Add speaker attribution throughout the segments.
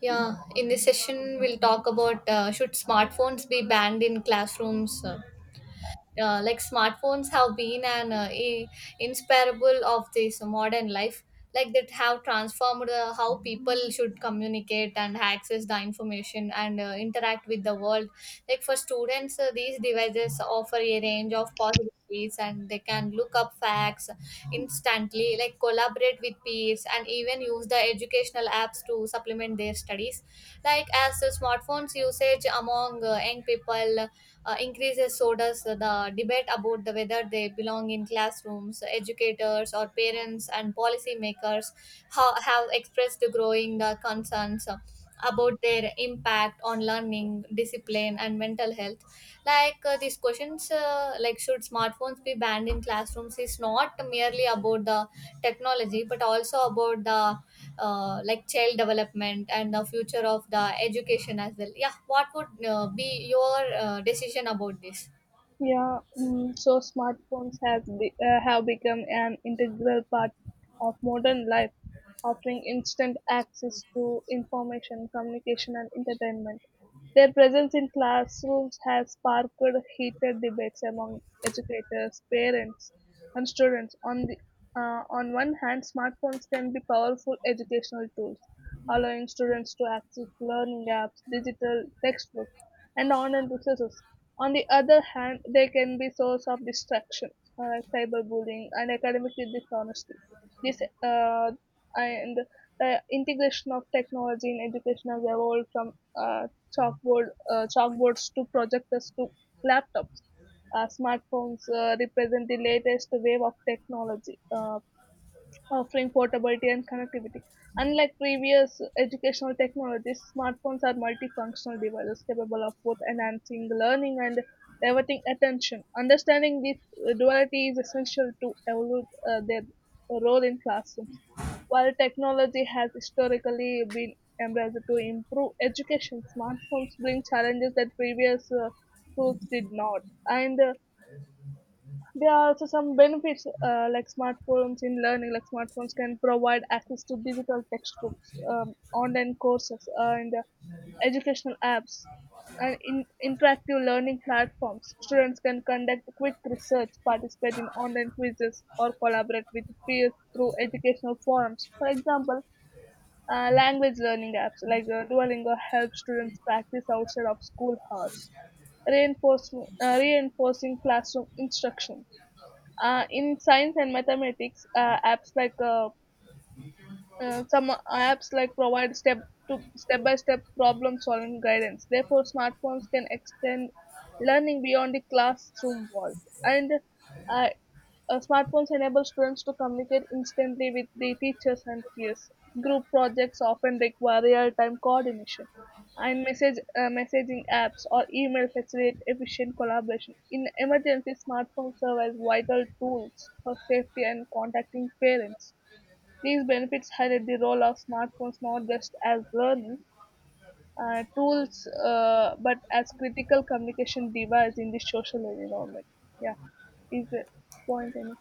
Speaker 1: Yeah, in this session, we'll talk about should smartphones be banned in classrooms? Like smartphones have been an inseparable of this modern life like that have transformed how people should communicate and access the information and interact with the world like for students these devices offer a range of possibilities and they can look up facts instantly, like collaborate with peers and even use the educational apps to supplement their studies like as the smartphones usage among young people increases, so does the debate about the whether they belong in classrooms, educators or parents and policymakers have expressed the growing concerns about their impact on learning, discipline and mental health. These questions, like should smartphones be banned in classrooms, is not merely about the technology but also about the like child development and the future of the education as well. Yeah, what would be your decision about this?
Speaker 2: Yeah, mm, so smartphones have become an integral part of modern life, offering instant access to information, communication, and entertainment. Their presence in classrooms has sparked heated debates among educators, parents, and students. On one hand, smartphones can be powerful educational tools, allowing students to access learning apps, digital textbooks, and online resources. On the other hand, they can be source of distraction, like cyberbullying and academic dishonesty. This uh, and The integration of technology in education has evolved from chalkboards to projectors to laptops. Smartphones represent the latest wave of technology, offering portability and connectivity. Unlike previous educational technologies, smartphones are multifunctional devices capable of both enhancing learning and diverting attention. Understanding this duality is essential to evaluate their role in classrooms. While technology has historically been embraced to improve education, smartphones bring challenges that previous tools did not. And There are also some benefits like smartphones in learning. Like smartphones can provide access to digital textbooks, online courses, and educational apps, and in interactive learning platforms. Students can conduct quick research, participate in online quizzes, or collaborate with peers through educational forums. For example, language learning apps like Duolingo help students practice outside of school hours, reinforcing classroom instruction. In science and mathematics, apps like provide step by step problem solving guidance. Therefore, smartphones can extend learning beyond the classroom walls, and uh, smartphones enable students to communicate instantly with their teachers and peers. Group projects often require real-time coordination, and message messaging apps or email facilitate efficient collaboration. In emergencies, smartphones serve as vital tools for safety and contacting parents. These benefits highlight the role of smartphones not just as learning tools but as critical communication device in the social environment. Yeah, is the point any?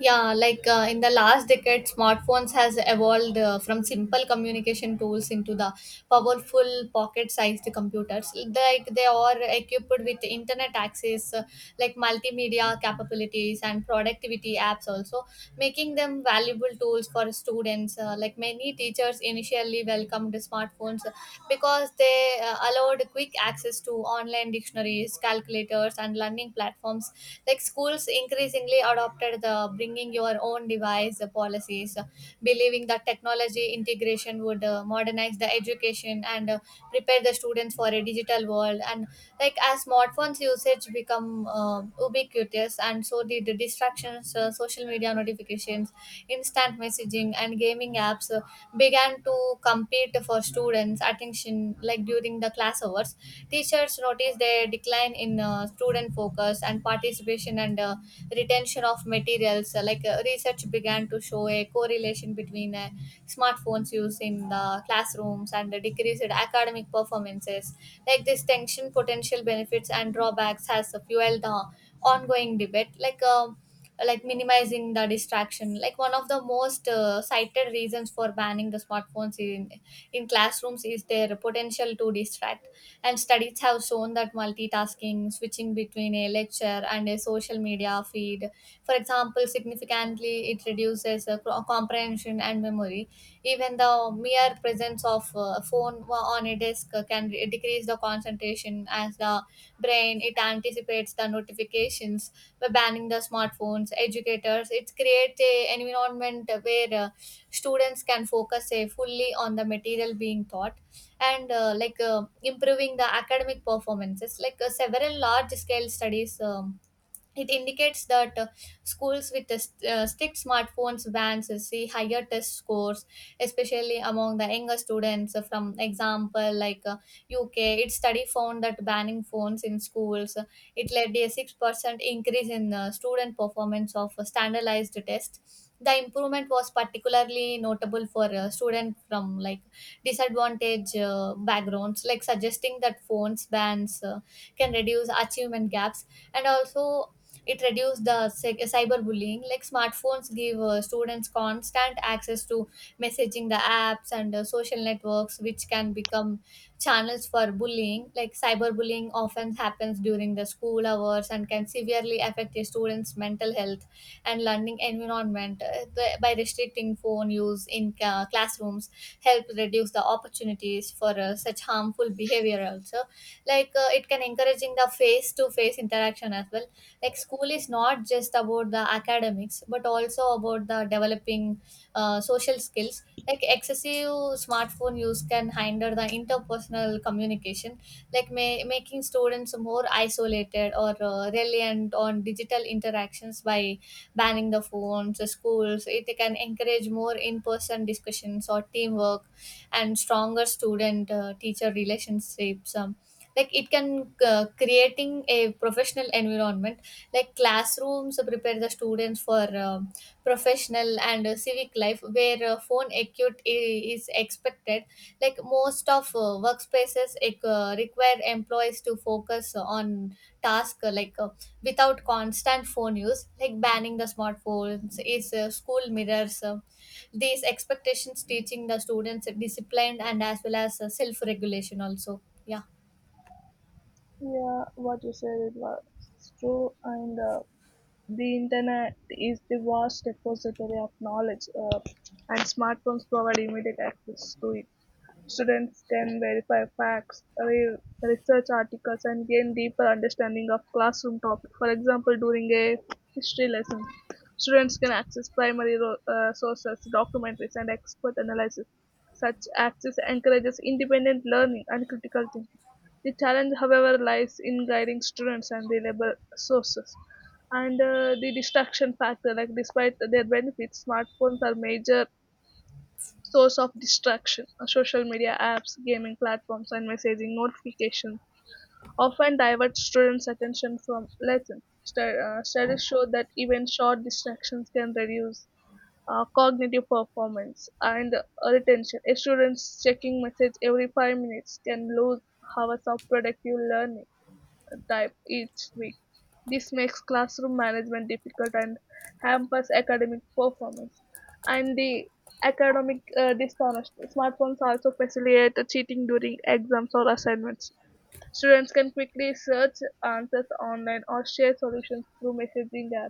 Speaker 1: Yeah, like in the last decade smartphones has evolved from simple communication tools into the powerful pocket sized computers. Like they are equipped with internet access, like multimedia capabilities and productivity apps also, making them valuable tools for students. Like many teachers initially welcomed smartphones because they allowed quick access to online dictionaries, calculators and learning platforms. Like schools increasingly adopted the bringing your own device policies, believing that technology integration would modernize the education and prepare the students for a digital world. And like as smartphones usage become ubiquitous, and so did the distractions, social media notifications, instant messaging and gaming apps began to compete for students attention like during the class hours. Teachers noticed a decline in student focus and participation and retention of materials. Research began to show a correlation between smartphones use in the classrooms and the decreased academic performances. Like this tension, potential benefits and drawbacks, has fueled the ongoing debate. Like minimizing the distraction, like one of the most cited reasons for banning the smartphones in classrooms is their potential to distract, and studies have shown that multitasking, switching between a lecture and a social media feed, for example, significantly it reduces comprehension and memory. Even the mere presence of on a desk can decrease the concentration as the brain it anticipates the notifications. By banning the smartphones, educators it creates a environment where students can focus fully on the material being taught, and improving the academic performances. Several large scale studies it indicates that schools with the strict smartphones bans see higher test scores, especially among the younger students. From example, like UK, its study found that banning phones in schools it led to a 6% increase in student performance of a standardized test. The improvement was particularly notable for students from like disadvantaged backgrounds, like suggesting that phones bans can reduce achievement gaps, and also it reduced the cyberbullying. Like smartphones give students constant access to messaging the apps and social networks, which can become channels for bullying. Like cyberbullying often happens during the school hours and can severely affect a student's mental health and learning environment. By restricting phone use in classrooms, help reduce the opportunities for such harmful behavior. Also, like it can encouraging the face to face interaction as well. Like school is not just about the academics but also about the developing social skills. Like excessive smartphone use can hinder the interpersonal communication, like making students more isolated or reliant on digital interactions. By banning the phones, the schools it can encourage more in-person discussions or teamwork and stronger student teacher relationships. Like it can creating a professional environment. Like classrooms prepare the students for professional and civic life, where phone acute is expected. Like most of require employees to focus on task, without constant phone use. Like banning the smartphones is school mirrors these expectations, teaching the students discipline and as well as self regulation also. Yeah.
Speaker 2: Yeah, what you said it was true, and the internet is the vast repository of knowledge, uh, and smartphones provide immediate access to it. Students can verify facts, research articles, and gain deeper understanding of classroom topics. For example, during a history lesson, students can access primary sources, documentaries, and expert analysis. Such access encourages independent learning and critical thinking. The challenge, however, lies in guiding students and reliable sources. And The distraction factor, like despite their benefits, smartphones are major source of distraction. Social media apps, gaming platforms, and messaging notifications often divert students' attention from lessons. Studies show that even short distractions can reduce cognitive performance and retention. A student's checking message every 5 minutes can lose hours of productive learning type each week. This makes classroom management difficult and hampers academic performance. And the academic dishonesty. Smartphones also facilitate cheating during exams or assignments. Students can quickly search answers online or share solutions through messaging apps.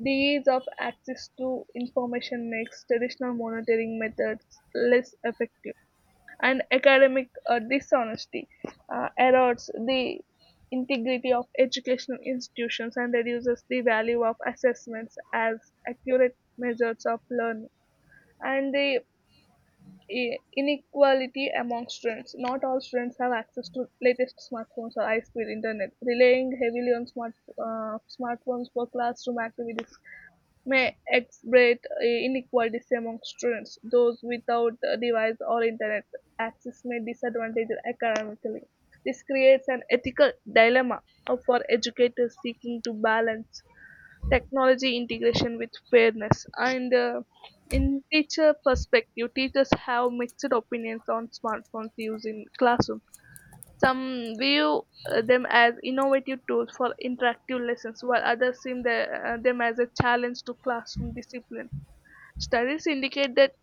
Speaker 2: The ease of access to information makes traditional monitoring methods less effective, and academic dishonesty erodes the integrity of educational institutions and reduces the value of assessments as accurate measures of learning. And the inequality among students. Not all students have access to latest smartphones or high-speed internet. Relying heavily on smartphones for classroom activities may exacerbate inequalities among students. Those without a device or internet access may disadvantage academically. This creates an ethical dilemma for educators seeking to balance technology integration with fairness. And In teacher perspective, teachers have mixed opinions on smartphones use in classrooms. Some view them as innovative tools for interactive lessons, while others see them as a challenge to classroom discipline. Studies indicate that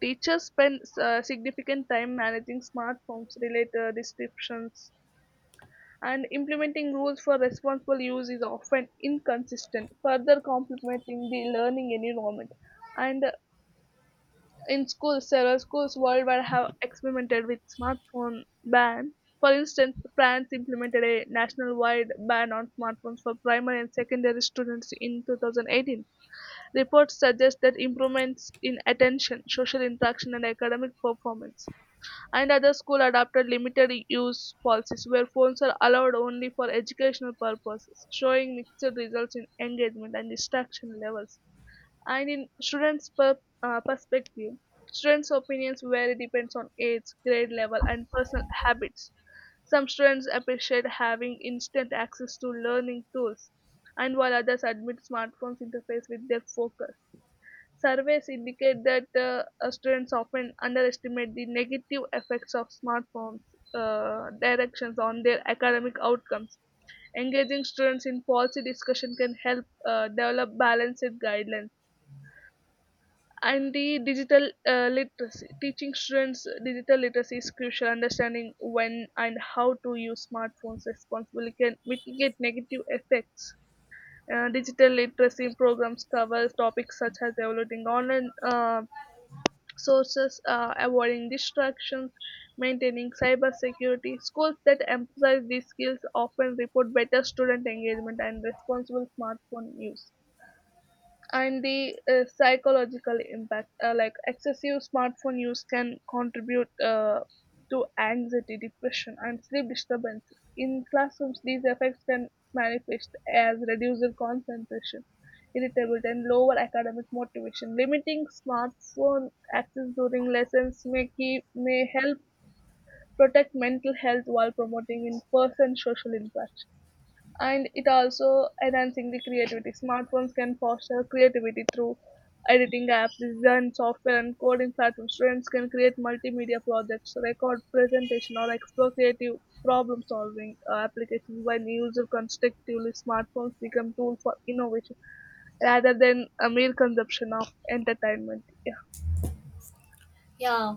Speaker 2: teachers spend significant time managing smartphones, related restrictions, and implementing rules for responsible use is often inconsistent, further complementing the learning environment. And in schools, several schools worldwide have experimented with smartphone ban. For instance, France implemented a national-wide ban on smartphones for primary and secondary students in 2018. Reports suggest that improvements in attention, social interaction, and academic performance, and other schools adopted limited use policies where phones are allowed only for educational purposes, showing mixed results in engagement and distraction levels. And in perspective, students opinions vary depends on age grade level and personal habits. Some students appreciate having instant access to learning tools, and while others admit smartphones interfere with their focus. Surveys indicate that students often underestimate the negative effects of smartphones directions on their academic outcomes. Engaging students in policy discussion can help develop balanced guidelines. And the digital literacy, teaching students digital literacy is crucial. Understanding when and how to use smartphones responsibly can mitigate negative effects. Digital literacy programs cover topics such as evaluating online sources, avoiding distractions, maintaining cyber security. Schools that emphasize these skills often report better student engagement and responsible smartphone use. And the psychological impact, like excessive smartphone use can contribute to anxiety, depression, and sleep disturbances. In classrooms these effects can manifest as reduced concentration, irritability, and lower academic motivation. Limiting smartphone access during lessons may help protect mental health while promoting in-person social interaction. And it also enhancing the creativity. Smartphones can foster creativity through editing apps, design software, and coding platforms. Students can create multimedia projects, record presentation, or explore creative problem solving applications. When used constructively smartphones become tools for innovation rather than a mere consumption of entertainment. Yeah,
Speaker 1: Yeah,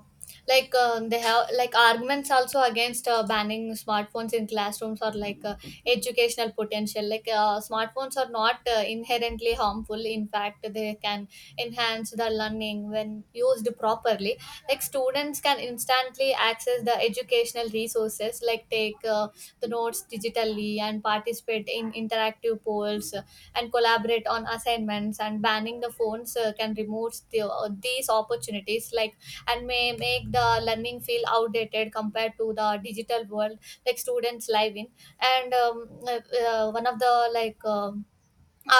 Speaker 1: they have like arguments also against banning smartphones in classrooms, or like educational potential. Like smartphones are not inherently harmful. In fact, they can enhance the learning when used properly. Like students can instantly access the educational resources, like take the notes digitally and participate in interactive polls and collaborate on assignments. And banning the phones can remove the, these opportunities, like, and may make the learning feel outdated compared to the digital world like students live in. And one of the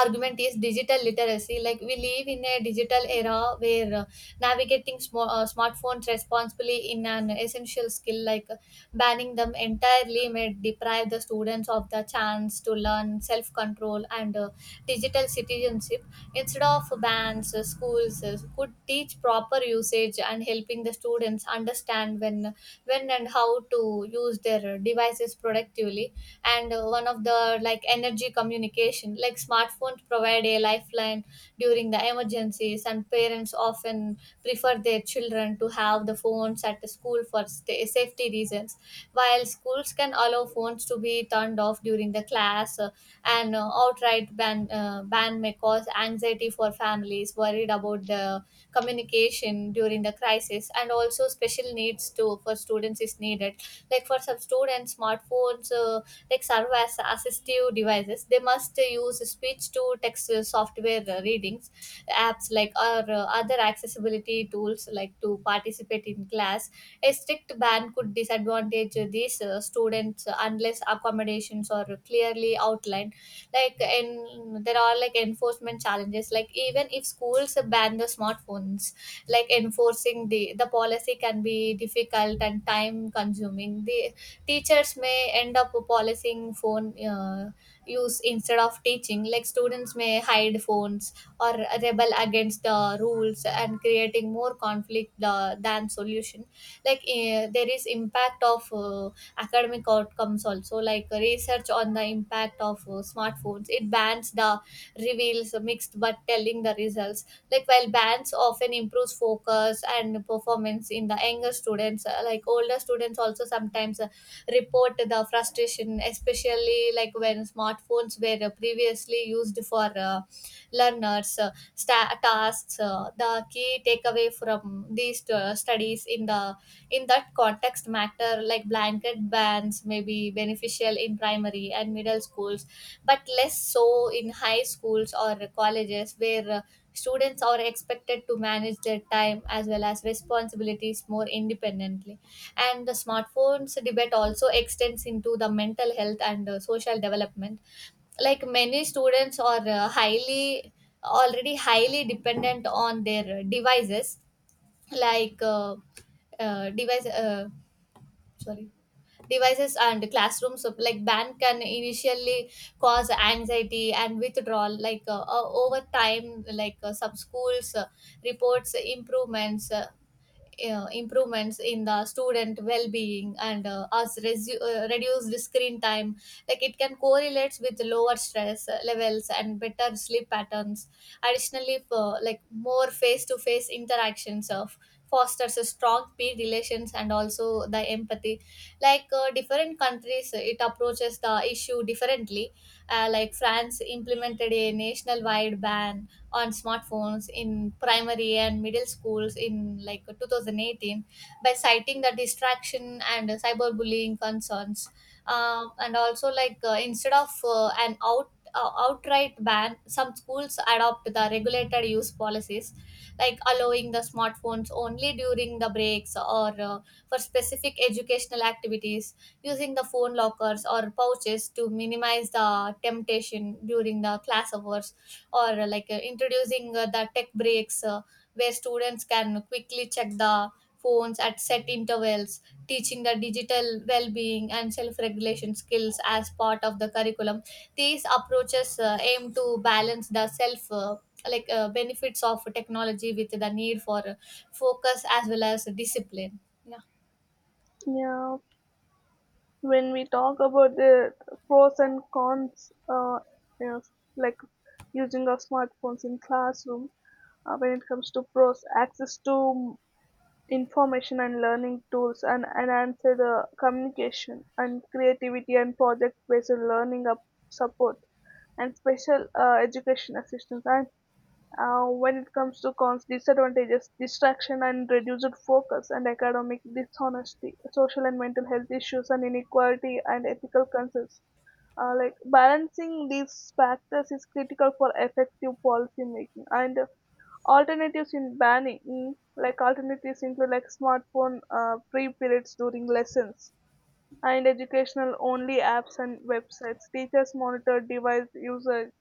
Speaker 1: argument is digital literacy. Like we live in a digital era where navigating smartphones responsibly in an essential skill. Like banning them entirely may deprive the students of the chance to learn self control and digital citizenship. Instead of bans, schools could teach proper usage, and helping the students understand when and how to use their devices productively. And one of the like energy communication, like smartphones provide a lifeline during the emergencies, and parents often prefer their children to have the phones at the school for sta safety reasons. While schools can allow phones to be turned off during the class, an outright ban may cause anxiety for families worried about the communication during the crisis. And also special needs too for students is needed. Like for some students, smartphones like serve as assistive devices. They must use speech to text software, readings apps, like, or other accessibility tools like to participate in class. A strict ban could disadvantage these students unless accommodations are clearly outlined. Like, and there are like enforcement challenges. Like even if schools ban the smartphones, like enforcing the policy can be difficult and time consuming. The teachers may end up policing phone use instead of teaching. Like students may hide phones or rebel against the rules and creating more conflict than solution. Like there is impact of academic outcomes also. Like research on the impact of smartphones it bans the, reveals mixed but telling the results. Like while bands often improves focus and performance in the younger students, like older students also sometimes report the frustration, especially like when smartphones were previously used for learners tasks. The key takeaway from these studies in the in that context matter. Like blanket bans may be beneficial in primary and middle schools, but less so in high schools or colleges where students are expected to manage their time as well as responsibilities more independently. And the smartphones debate also extends into the mental health and social development. Like many students are highly already highly dependent on their devices. Like device sorry devices and classrooms like ban can initially cause anxiety and withdrawal. Over time, like some schools reports improvements in the student well-being, and reduce the screen time. Like it can correlates with lower stress levels and better sleep patterns. Additionally, for like more face-to-face interactions of fosters a strong peer relations and also the empathy. Like different countries it approaches the issue differently. Like france implemented a nationwide ban on smartphones in primary and middle schools in like 2018, by citing the distraction and cyberbullying concerns. And also, like instead of an out outright ban, some schools adopt the regulated use policies, like allowing the smartphones only during the breaks or for specific educational activities, using the phone lockers or pouches to minimize the temptation during the class hours, or introducing the tech breaks, where students can quickly check the phones at set intervals, teaching the digital well being and self regulation skills as part of the curriculum. These approaches aim to balance the self. Benefits of technology with the need for focus as well as discipline.
Speaker 2: yeah, when we talk about the pros and cons yes, like using of smartphones in classroom. When it comes to pros, access to information and learning tools, and enhanced communication and creativity, and project based learning up support, and special education assistance. And when it comes to cons disadvantages, distraction and reduced focus, and academic dishonesty, social and mental health issues, and inequality and ethical concerns. Like balancing these factors is critical for effective policy making. And alternatives in banning, mm, like alternatives include like smartphone free periods during lessons, and educational only apps and websites. Teachers monitor device usage,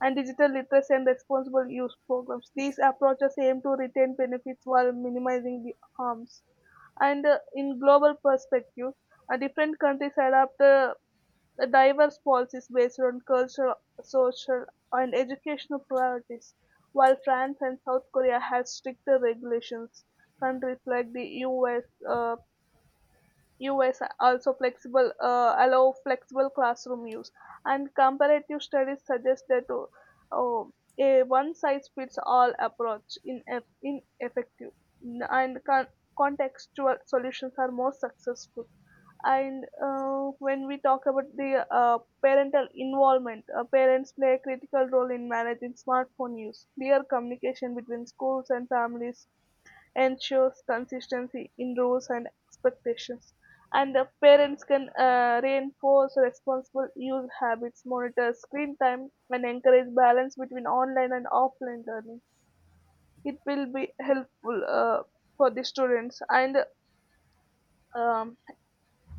Speaker 2: and digital literacy and responsible use programs. These approaches aim to retain benefits while minimizing the harms. And In global perspective, different countries adapt the diverse policies based on cultural, social, and educational priorities. While France and South Korea have stricter regulations, countries like the US are also flexible, allow flexible classroom use. And comparative studies suggest that uh, a one-size-fits-all approach in ineffective, and contextual solutions are more successful. And when we talk about the parental involvement, parents play a critical role in managing smartphone use. Clear communication between schools and families ensures consistency in rules and expectations. And the parents can reinforce responsible use habits, monitor screen time, and encourage balance between online and offline learning. It will be helpful for the students. And um,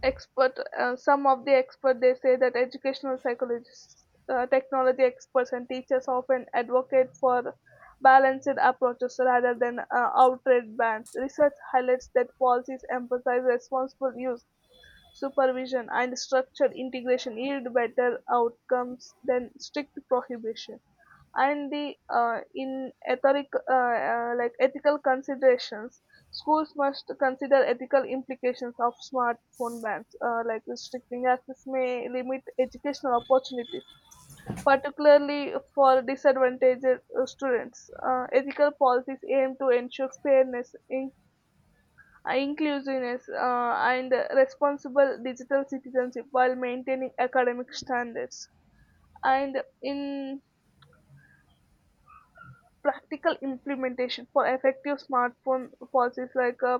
Speaker 2: expert Some of the expert they say that educational psychologists, technology experts, and teachers often advocate for balanced approaches rather than outright bans. Research highlights that policies emphasize responsible use, supervision, and structured integration yield better outcomes than strict prohibition. And the like ethical considerations, schools must consider ethical implications of smartphone bans. Like restricting access may limit educational opportunities, particularly for disadvantaged students. Ethical policies aim to ensure fairness in inclusiveness, and responsible digital citizenship while maintaining academic standards. And in practical implementation for effective smartphone policies, like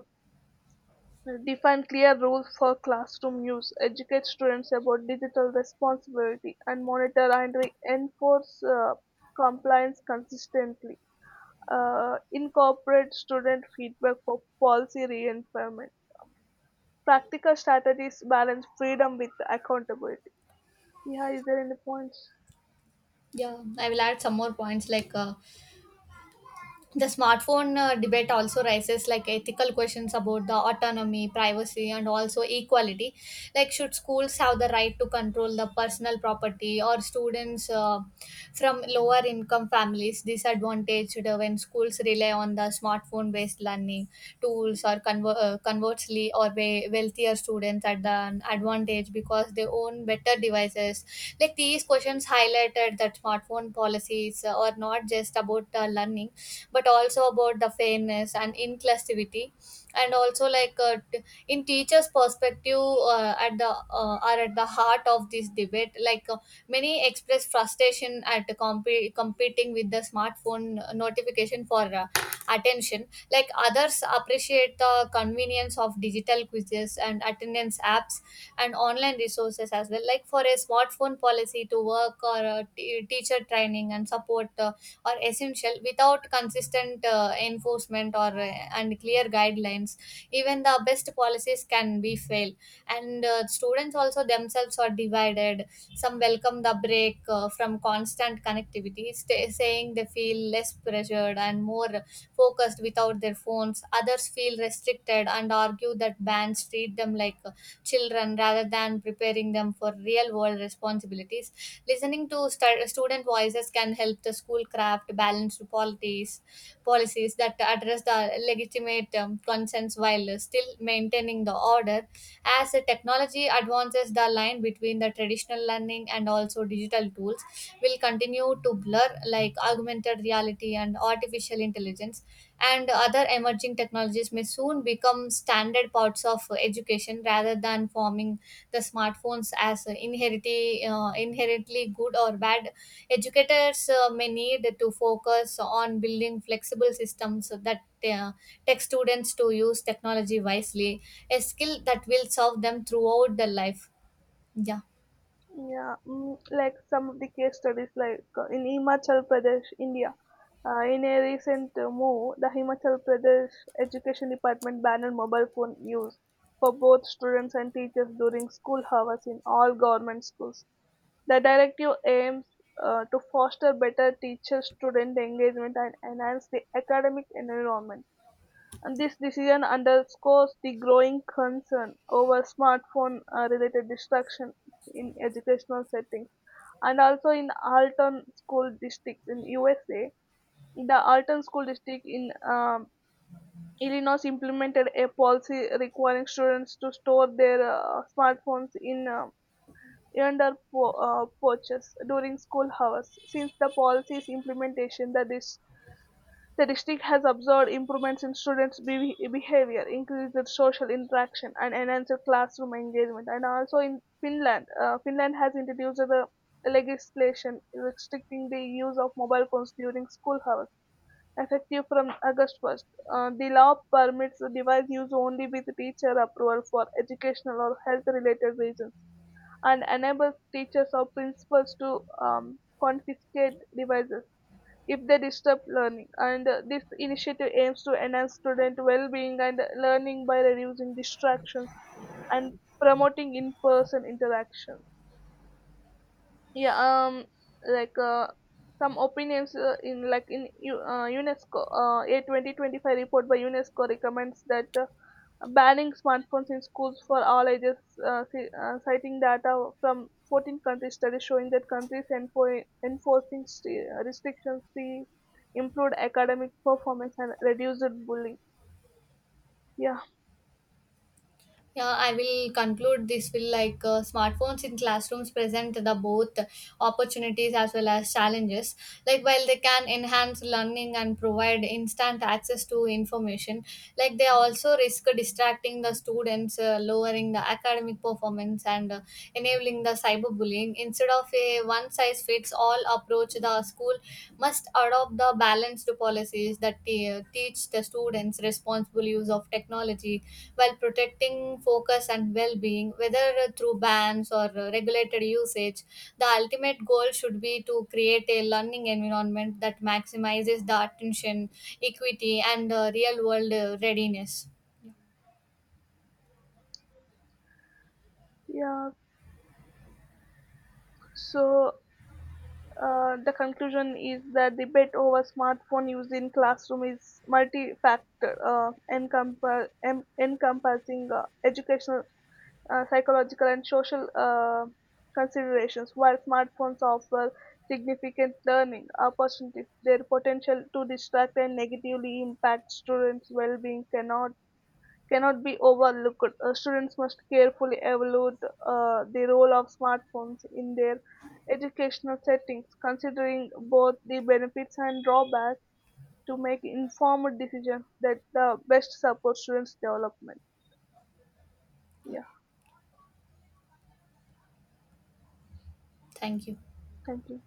Speaker 2: define clear rules for classroom use, educate students about digital responsibility, and monitor and enforce compliance consistently. Incorporate student feedback for policy reinforcement. Practical strategies balance freedom with accountability. Yeah, is there any points?
Speaker 1: Yeah, I will add some more points. Like the smartphone debate also raises like ethical questions about the autonomy, privacy and also equality. Like should schools have the right to control the personal property, or students from lower income families disadvantaged when schools rely on the smartphone based learning tools, conversely or wealthier students at the advantage because they own better devices. Like these questions highlighted that smartphone policies are not just about learning but also about the fairness and inclusivity. And also, like in teachers perspective, at the are at the heart of this debate. Like many express frustration at competing with the smartphone notification for attention. Like others appreciate the convenience of digital quizzes and attendance apps and online resources as well. Like for a smartphone policy to work, or a teacher training and support or essential. Without consistent enforcement or and clear guidelines, even the best policies can be fail. And students also themselves are divided. Some welcome the break from constant connectivity, sta saying they feel less pressured and more focused without their phones. Others feel restricted and argue that bands treat them like children rather than preparing them for real world responsibilities. Listening to student voices can help the school craft balanced policies, policies that address the legitimate concerns while still maintaining the order. As the technology advances, the line between the traditional learning and also digital tools will continue to blur. Like augmented reality and artificial intelligence, and other emerging technologies may soon become standard parts of education, rather than forming the smartphones as inherently good or bad. Educators may need to focus on building flexible systems so that uh, tech students to use technology wisely, a skill that will serve them throughout their life. Yeah.
Speaker 2: Yeah, mm, like some of the case studies, like in Himachal Pradesh, India. In a recent move, the Himachal Pradesh Education Department banned mobile phone use for both students and teachers during school hours in all government schools. The directive aims to foster better teacher-student engagement and enhance the academic environment. And this decision underscores the growing concern over smartphone-related distraction in educational settings. And also in Alton School District in USA. The Alton School District in Illinois implemented a policy requiring students to store their smartphones in porches during school hours. Since the policy's implementation, the district has observed improvements in students' behavior, increased social interaction, and enhanced classroom engagement. And also in Finland, Finland has introduced the legislation restricting the use of mobile phones during school hours, effective from August 1st. The law permits the device use only with teacher approval for educational or health-related reasons, and enables teachers or principals to confiscate devices if they disturb learning. And this initiative aims to enhance student well-being and learning by reducing distractions and promoting in-person interaction. Yeah, um, like some opinions in like in U- unesco, a 2025 report by unesco recommends that banning smartphones in schools for all ages, citing data from 14 countries studies showing that countries enforcing restrictions see improved academic performance and reduced bullying. Yeah,
Speaker 1: Yeah, I will conclude this will like smartphones in classrooms present the both opportunities as well as challenges. Like while they can enhance learning and provide instant access to information, like they also risk distracting the students, lowering the academic performance and enabling the cyberbullying. Instead of a one size fits all approach, the school must adopt the balanced policies that teach the students responsible use of technology while protecting focus and well being, whether through bans or regulated usage. The ultimate goal should be to create a learning environment that maximizes the attention, equity, and real world readiness.
Speaker 2: yeah, so the conclusion is that debate over smartphone use in classroom is multi-factor, encompassing educational, psychological, and social considerations. While smartphones offer significant learning opportunities, their potential to distract and negatively impact students' well-being cannot be overlooked. Students must carefully evaluate the role of smartphones in their educational settings, considering both the benefits and drawbacks to make informed decisions that best support students' development. Yeah,
Speaker 1: Thank you.
Speaker 2: thank you.